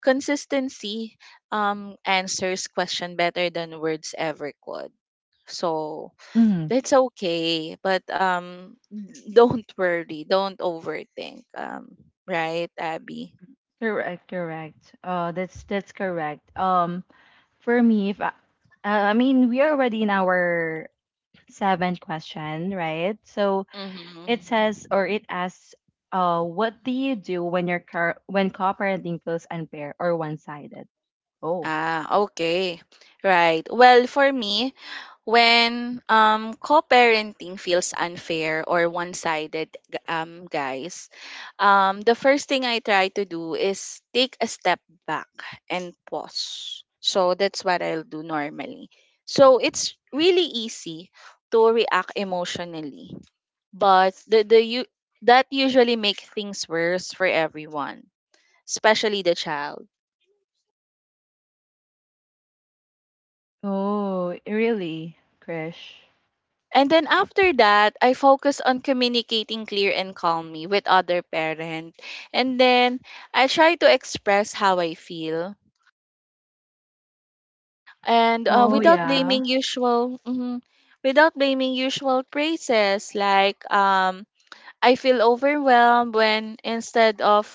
B: consistency answers question better than words ever could. So
A: Mm-hmm.
B: that's okay, but don't worry, don't overthink. Right, Abby?
A: Correct, correct. That's correct. For me, if I, I mean, we are already in our seventh question, right? So,
B: Mhm.
A: it says, or it asks, what do you do when your car when cooperating feels unfair or one-sided? Oh.
B: Ah, okay. Right. Well, for me, when co-parenting feels unfair or one-sided, guys, the first thing I try to do is take a step back and pause. So that's what I'll do normally. So it's really easy to react emotionally, but the you that usually make things worse for everyone, especially the child.
A: Oh, really, Krish?
B: And then after that, I focus on communicating clear and calmly with other parent. And then I try to express how I feel and
A: Oh
B: without
A: yeah,
B: blaming usual without blaming usual praises like I feel overwhelmed when, instead of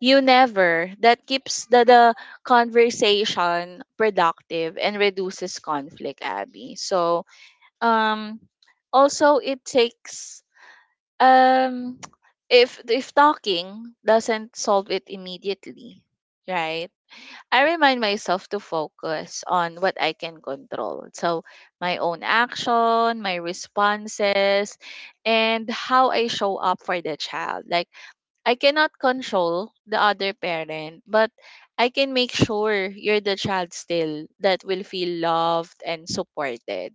B: you never, that keeps the conversation productive and reduces conflict, Abby. So um also it takes Um, if talking doesn't solve it immediately, right? I remind myself to focus on what I can control. So, my own action, my responses, and how I show up for the child. Like, I cannot control the other parent, but I can make sure you're the child still that will feel loved and supported.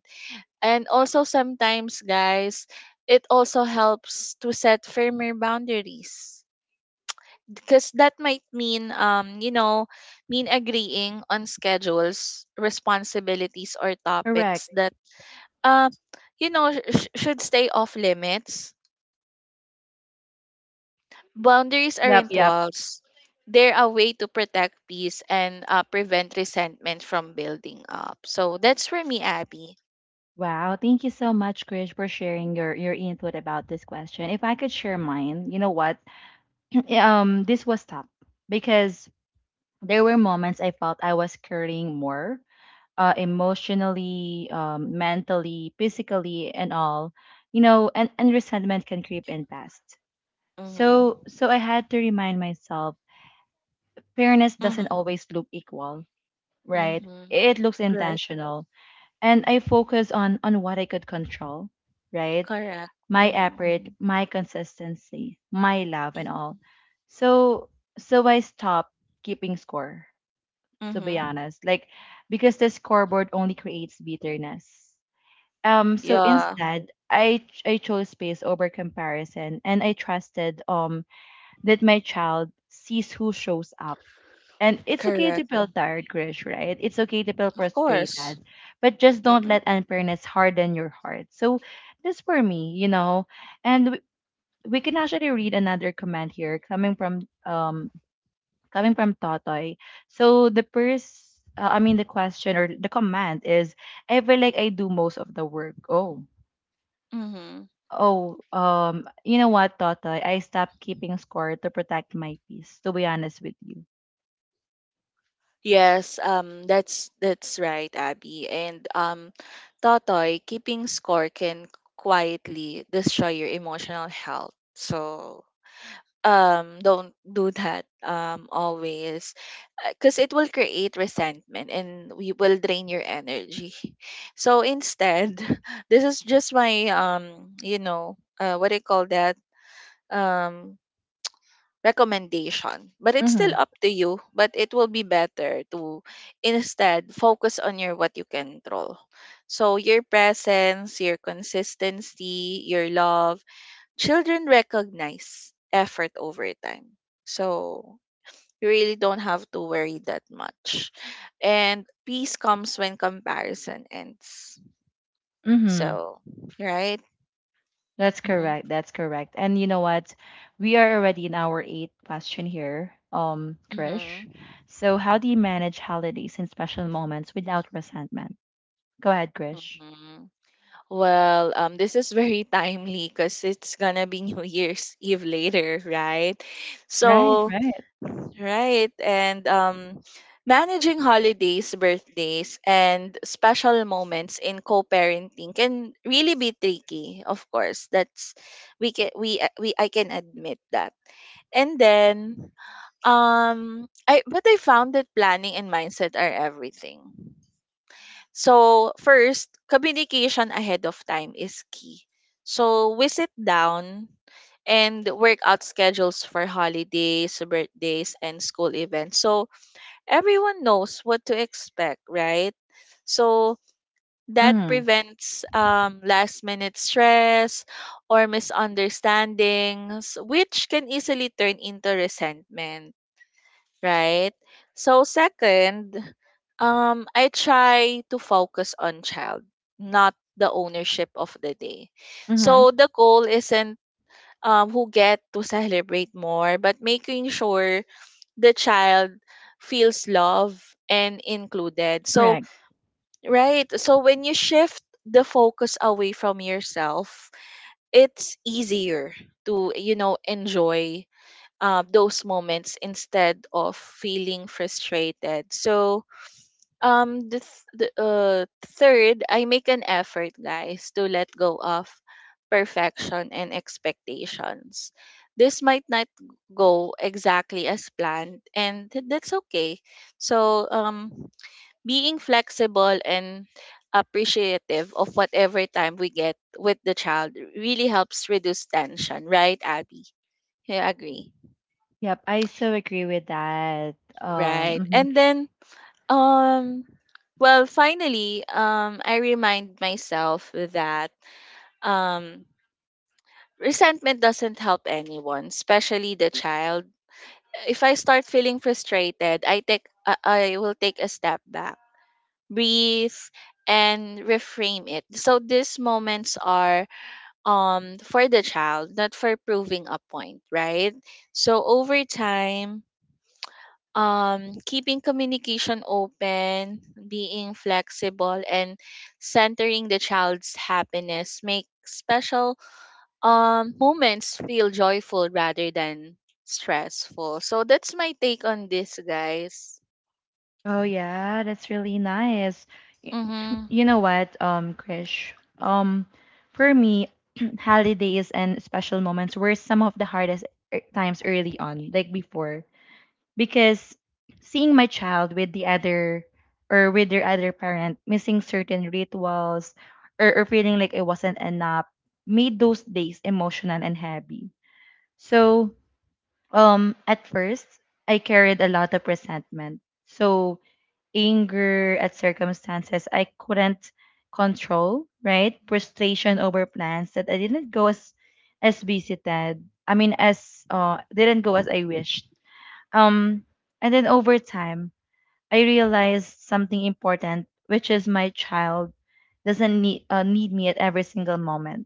B: And also sometimes, guys, it also helps to set firmer boundaries, because that might mean mean agreeing on schedules, responsibilities, or topics
A: correct.
B: that uh you know sh- should stay off limits. Boundaries
A: Yep,
B: aren't
A: yep.
B: walls, they're a way to protect peace and prevent resentment from building up. So that's for me, Abby.
A: Wow, thank you so much, Krish, for sharing your input about this question. If I could share mine, you know what? This was tough because there were moments I felt I was caring more emotionally, mentally, physically, and all, and resentment can creep in fast.
B: Mm-hmm.
A: So I had to remind myself, fairness doesn't
B: Mm-hmm.
A: always look equal, right?
B: Mm-hmm.
A: It looks
B: Right.
A: intentional, and I focus on what I could control, right?
B: Correct.
A: My
B: Mm-hmm.
A: effort, Mhm. My consistency, my love, and all. So, so I stopped keeping score. To be
B: Mm-hmm.
A: honest, like because the scoreboard only creates bitterness. So
B: Yeah,
A: instead, I chose space over comparison, and I trusted that my child sees who shows up. And it's okay to
B: correct.
A: feel tired, Grish, right? It's okay to feel
B: Of course.
A: frustrated, but just don't
B: Mm-mm.
A: let unfairness harden your heart. So this for me. And we, we can actually read another comment here coming from Totoy. So the first, I mean the question or the comment is, I feel like I do most of the work. Oh.
B: Mm-hmm.
A: Oh, you know what, Totoy? I stopped keeping score to protect my peace, to be honest with you.
B: Yes, that's right, Abby. And Totoy, keeping score can quietly destroy your emotional health. So don't do that always, because it will create resentment and we will drain your energy. So instead, this is just my you know, what do you call that? um Recommendation. But it's still
A: Mm-hmm.
B: up to you, but it will be better to instead focus on your what you can control. So your presence, your consistency, your love, children recognize effort over time. So you really don't have to worry that much. And peace comes when comparison ends.
A: Mm-hmm.
B: So, right?
A: That's
B: Mm-hmm.
A: correct. That's correct. And you know what? We are already in our eighth question here, Krish.
B: Mm-hmm.
A: So how do you manage holidays and special moments without resentment? Go ahead, Krish.
B: Mm-hmm. Well, this is very timely because it's gonna be New Year's Eve later, right?
A: Right,
B: So,
A: right.
B: right, and managing holidays, birthdays, and special moments in co-parenting can really be tricky. Of course, that's we can we I can admit that. And then, I but I found that planning and mindset are everything. So, first, communication ahead of time is key. So, we sit down and work out schedules for holidays, birthdays, and school events. So, everyone knows what to expect, right? So, that
A: Mm-hmm.
B: prevents last minute stress or misunderstandings, which can easily turn into resentment, right? So second, I try to focus on child, not the ownership of the day.
A: Mm-hmm.
B: So the goal isn't who get to celebrate more, but making sure the child feels loved and included. So
A: Correct.
B: right, so when you shift the focus away from yourself, it's easier to you know enjoy those moments instead of feeling frustrated. So, the, th- the third, I make an effort, guys, to let go of perfection and expectations. This might not go exactly as planned, and that's okay. So, being flexible and appreciative of whatever time we get with the child really helps reduce tension, right, Abby? You agree?
A: Yep, I so agree with that.
B: Right.
A: Um.
B: And then um well finally I remind myself that um resentment doesn't help anyone, especially the child. If I start feeling frustrated, I will take a step back, breathe and reframe it. So these moments are for the child, not for proving a point, right? So over time keeping communication open, being flexible, and centering the child's happiness make special moments feel joyful rather than stressful. So that's my take on this, guys.
A: Oh yeah, that's really nice. Y-
B: Mm-hmm.
A: You know what, Krish? Um, for me, holidays and special moments were some of the hardest times early on, like before, because seeing my child with the other or with their other parent, missing certain rituals, or feeling like it wasn't enough, made those days emotional and heavy. So, at first, I carried a lot of resentment. So anger at circumstances I couldn't control, right? Frustration over plans that I didn't go as visited. I mean as didn't go as I wished. Um and then over time I realized something important, which is my child doesn't need me at every single moment.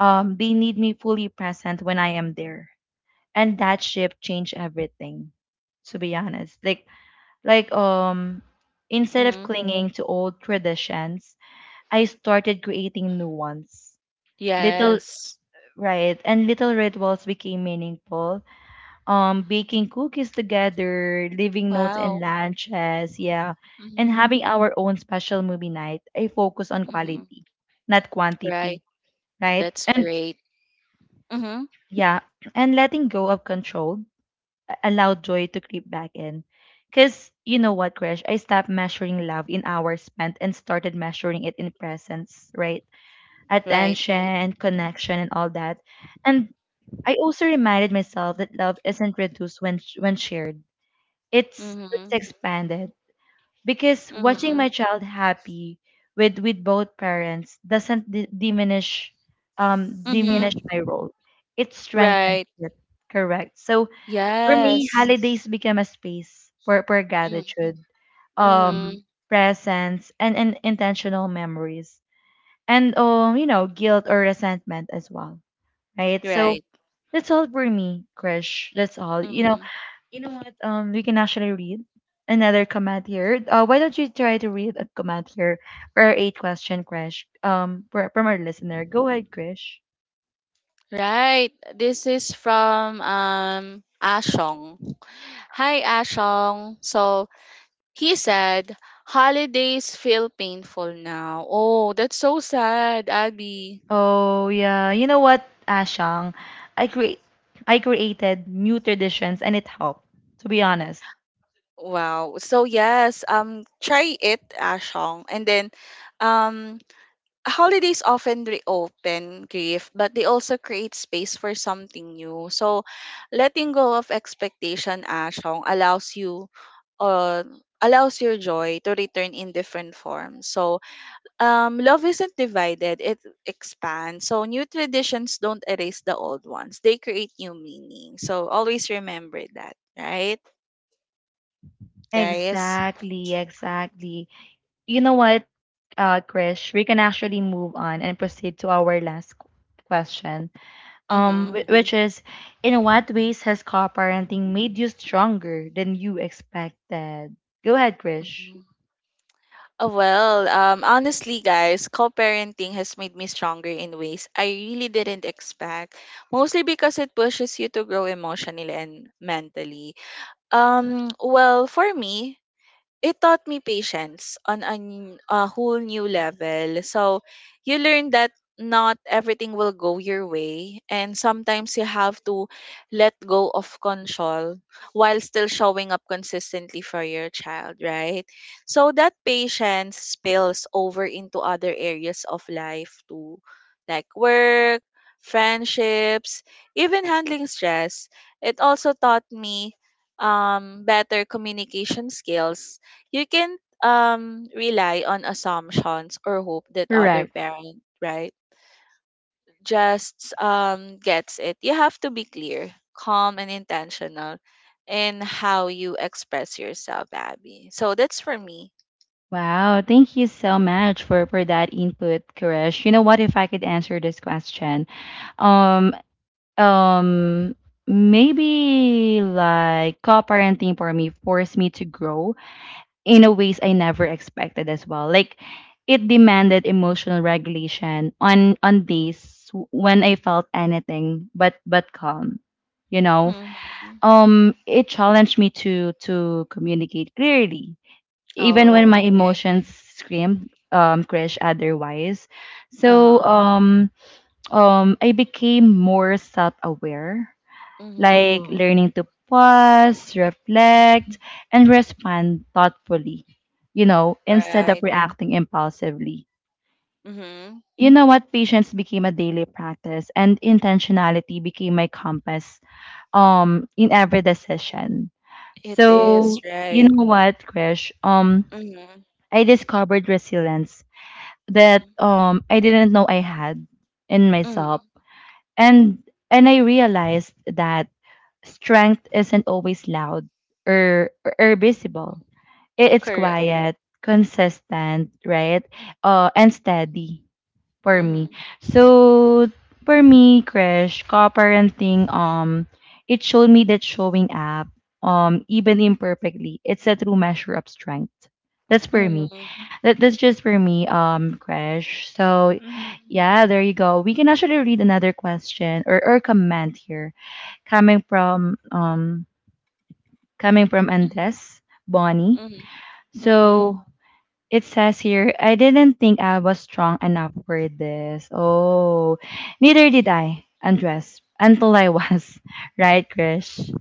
A: They need me fully present when I am there. And that shift changed everything to be honest. Like um Instead of
B: Mm-hmm.
A: clinging to old traditions, I started creating new ones. Little,
B: Yes.
A: right, and little rituals became meaningful. Um, baking cookies together, leaving notes in
B: Wow.
A: lunches, yeah. And
B: Mm-hmm.
A: having our own special movie night. I focus on
B: Mm-hmm.
A: quality, not quantity,
B: Right.
A: right?
B: That's
A: And
B: great. Mm-hmm.
A: yeah, and letting go of control allow joy to creep back in. Because you know what, Crash, I stopped measuring love in hours spent and started measuring it in presence, right?
B: Right.
A: Attention, connection, and all that. And I also reminded myself that love isn't reduced when when shared. It's
B: Mm-hmm.
A: expanded because watching
B: Mm-hmm.
A: my child happy with both parents doesn't diminish
B: Mm-hmm.
A: my role. It strengthens
B: Right.
A: it. Correct. So for me,
B: Yes.
A: holidays become a space for
B: Mm-hmm.
A: gratitude,
B: Mm-hmm.
A: um, presence, and intentional memories, and guilt or resentment as well, right? So
B: Right.
A: that's all for me, Krish. That's all.
B: Mhm.
A: You know what? We can actually read another comment here. Why don't you try to read a comment here or eight question, Krish? From our listener. Go ahead, Krish.
B: Right. This is from Ashong. Hi Ashong. So he said holidays feel painful now. Oh, that's so sad, Abby.
A: Oh yeah, you know what, Ashang, I create I created new traditions and it helped. To be honest.
B: Wow. So yes, try it, Ashong. And then um holidays often reopen grief, but they also create space for something new. So letting go of expectation, Ashong, uh, allows your joy to return in different forms. So, love isn't divided, it expands. So, new traditions don't erase the old ones, they create new meaning. So, always remember that, right, guys?
A: Exactly, exactly. You know what, Krish, we can actually move on and proceed to our last question,
B: Mm-hmm.
A: which is, in what ways has co-parenting made you stronger than you expected? Go ahead, Krish.
B: Mm-hmm. Oh, well, honestly, guys, co parenting has made me stronger in ways I really didn't expect, mostly because it pushes you to grow emotionally and mentally. Well, for me, it taught me patience on a whole new level. So you learn that not everything will go your way and sometimes you have to let go of control while still showing up consistently for your child, right? So that patience spills over into other areas of life too, like work, friendships, even handling stress. It also taught me better communication skills. You can rely on assumptions or hope that other
A: Correct.
B: parent, right, just gets it. You have to be clear, calm, and intentional in how you express yourself, Abby. So that's for me.
A: Wow, thank you so much for that input, Krish. You know what? If I could answer this question, Um, um, maybe like co-parenting for me forced me to grow in a ways I never expected as well. Like it demanded emotional regulation on days when I felt anything but calm. You know,
B: Mm-hmm.
A: it challenged me to communicate clearly, even when
B: Oh
A: my
B: okay.
A: emotions screamed crash otherwise. So
B: Uh-huh.
A: I became more self-aware,
B: Mm-hmm.
A: like Mm, learning to pause, reflect, and respond thoughtfully, you know, instead of
B: Right.
A: Correct, reacting impulsively.
B: Mm-hmm.
A: You know what? Patience became a daily practice and intentionality became my compass in every decision.
B: It is
A: So, you
B: right.
A: know what, Krish? Um,
B: Mm-hmm.
A: I discovered resilience that I didn't know I had in myself,
B: Mm-hmm.
A: and I realized that strength isn't always loud or visible. It's
B: Correct.
A: quiet, consistent, right? And steady for me.
B: Mm-hmm.
A: So for me, Krish, co-parenting, it showed me that showing up, even imperfectly, it's a true measure of strength. That's for me.
B: Mm-hmm.
A: That's just for me, Crash. So,
B: Hmm.
A: yeah, there you go. We can actually read another question or comment here coming from um coming from Andes Bonnie.
B: Mm-hmm. Mm-hmm.
A: So it says here, I didn't think I was strong enough for this. Oh, neither did I, Andres, until I was, right, Krish?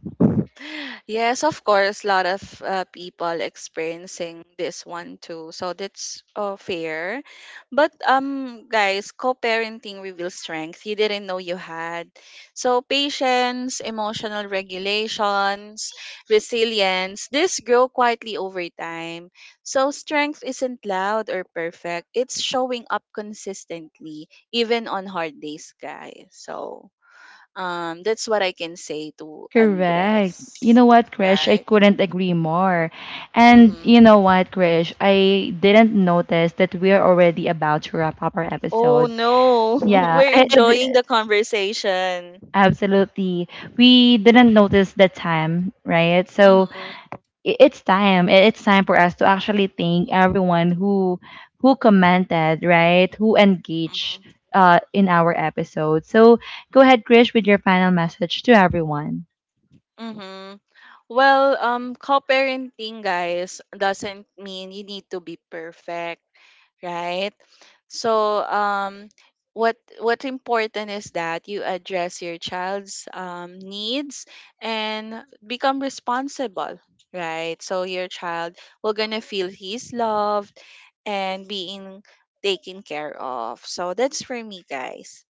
B: Yes, of course, a lot of people experiencing this one too. So that's fair. But guys, co-parenting reveals strength you didn't know you had. So patience, emotional regulations, resilience, this grow quietly over time. So strength isn't loud or perfect. It's showing up consistently even on hard days, guys. So that's what I can say to
A: Correct. You
B: Andres,
A: know what, Krish? I
B: right?
A: couldn't agree more. And
B: Mm-hmm.
A: you know what, Krish? I didn't notice that we're already about to wrap up our
B: Oh
A: episode.
B: no,
A: Yeah,
B: we're enjoying the conversation.
A: absolutely. We didn't notice the time, right? So
B: Mm-hmm.
A: it's time. It's time for us to actually thank everyone who commented, right? Who engaged in our episode. So go ahead, Krish, with your final message to everyone.
B: Mm-hmm. Well, co-parenting, guys, doesn't mean you need to be perfect, right? So, what's important is that you address your child's needs and become responsible, right? So your child will gonna feel he's loved and being taken care of. So that's for me, guys.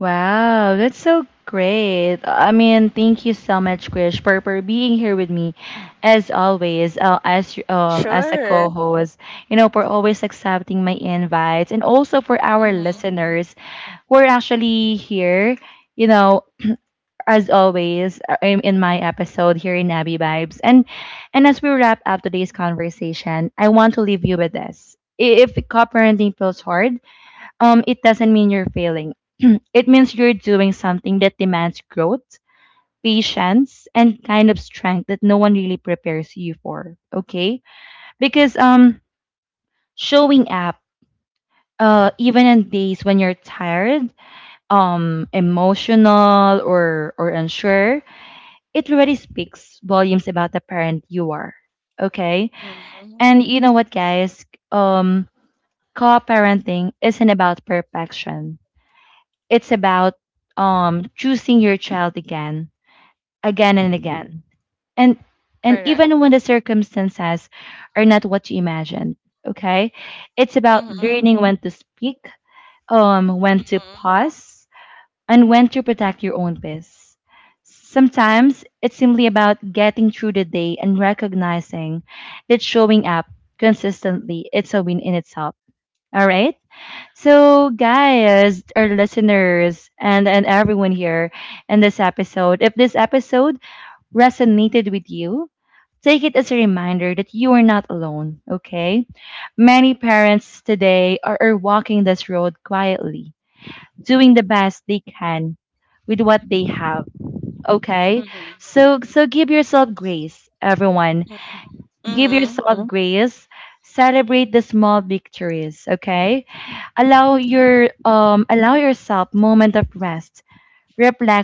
A: Wow, that's so great. I mean, thank you so much, Krish, for being here with me, as always, as a
B: Sure.
A: co-host. You know, for always accepting my invites, and also for our
B: Mm-hmm.
A: listeners, we're actually here. You know, as always, I'm in my episode here in Abby Vibes. And as we wrap up today's conversation, I want to leave you with this. If co-parenting feels hard, it doesn't mean you're failing. It means you're doing something that demands growth, patience, and kind of strength that no one really prepares you for. Okay? Because showing up even on days when you're tired, emotional or unsure, it really speaks volumes about the parent you are. Okay?
B: Mm-hmm.
A: And you know what guys, um co-parenting isn't about perfection. It's about choosing your child again, again and again. And and
B: Correct.
A: even when the circumstances are not what you imagined, okay? It's about
B: Mm-hmm.
A: learning when to speak, when to
B: Mm-hmm.
A: pause, and when to protect your own peace. Sometimes it's simply about getting through the day and recognizing that showing up consistently it's a win in itself. All right. So, guys, our listeners, and everyone here in this episode, if this episode resonated with you, take it as a reminder that you are not alone, okay? Many parents today are walking this road quietly doing the best they can with what they have, okay?
B: Mhm.
A: So give yourself grace, everyone,
B: Mhm.
A: give
B: Mhm.
A: yourself hmm grace, celebrate the small victories, okay, allow your allow yourself moment of rest,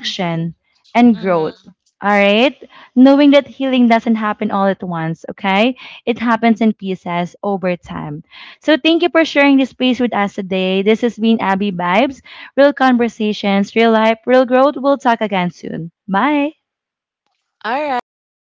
B: Mhm.
A: and
B: Mhm.
A: growth. All right? Knowing that healing doesn't happen all at once, okay? It happens in pieces over time. So thank you for sharing this space with us today. This has been Abby Vibes, real conversations, real life, real growth. We'll talk again soon. Bye.
B: All right.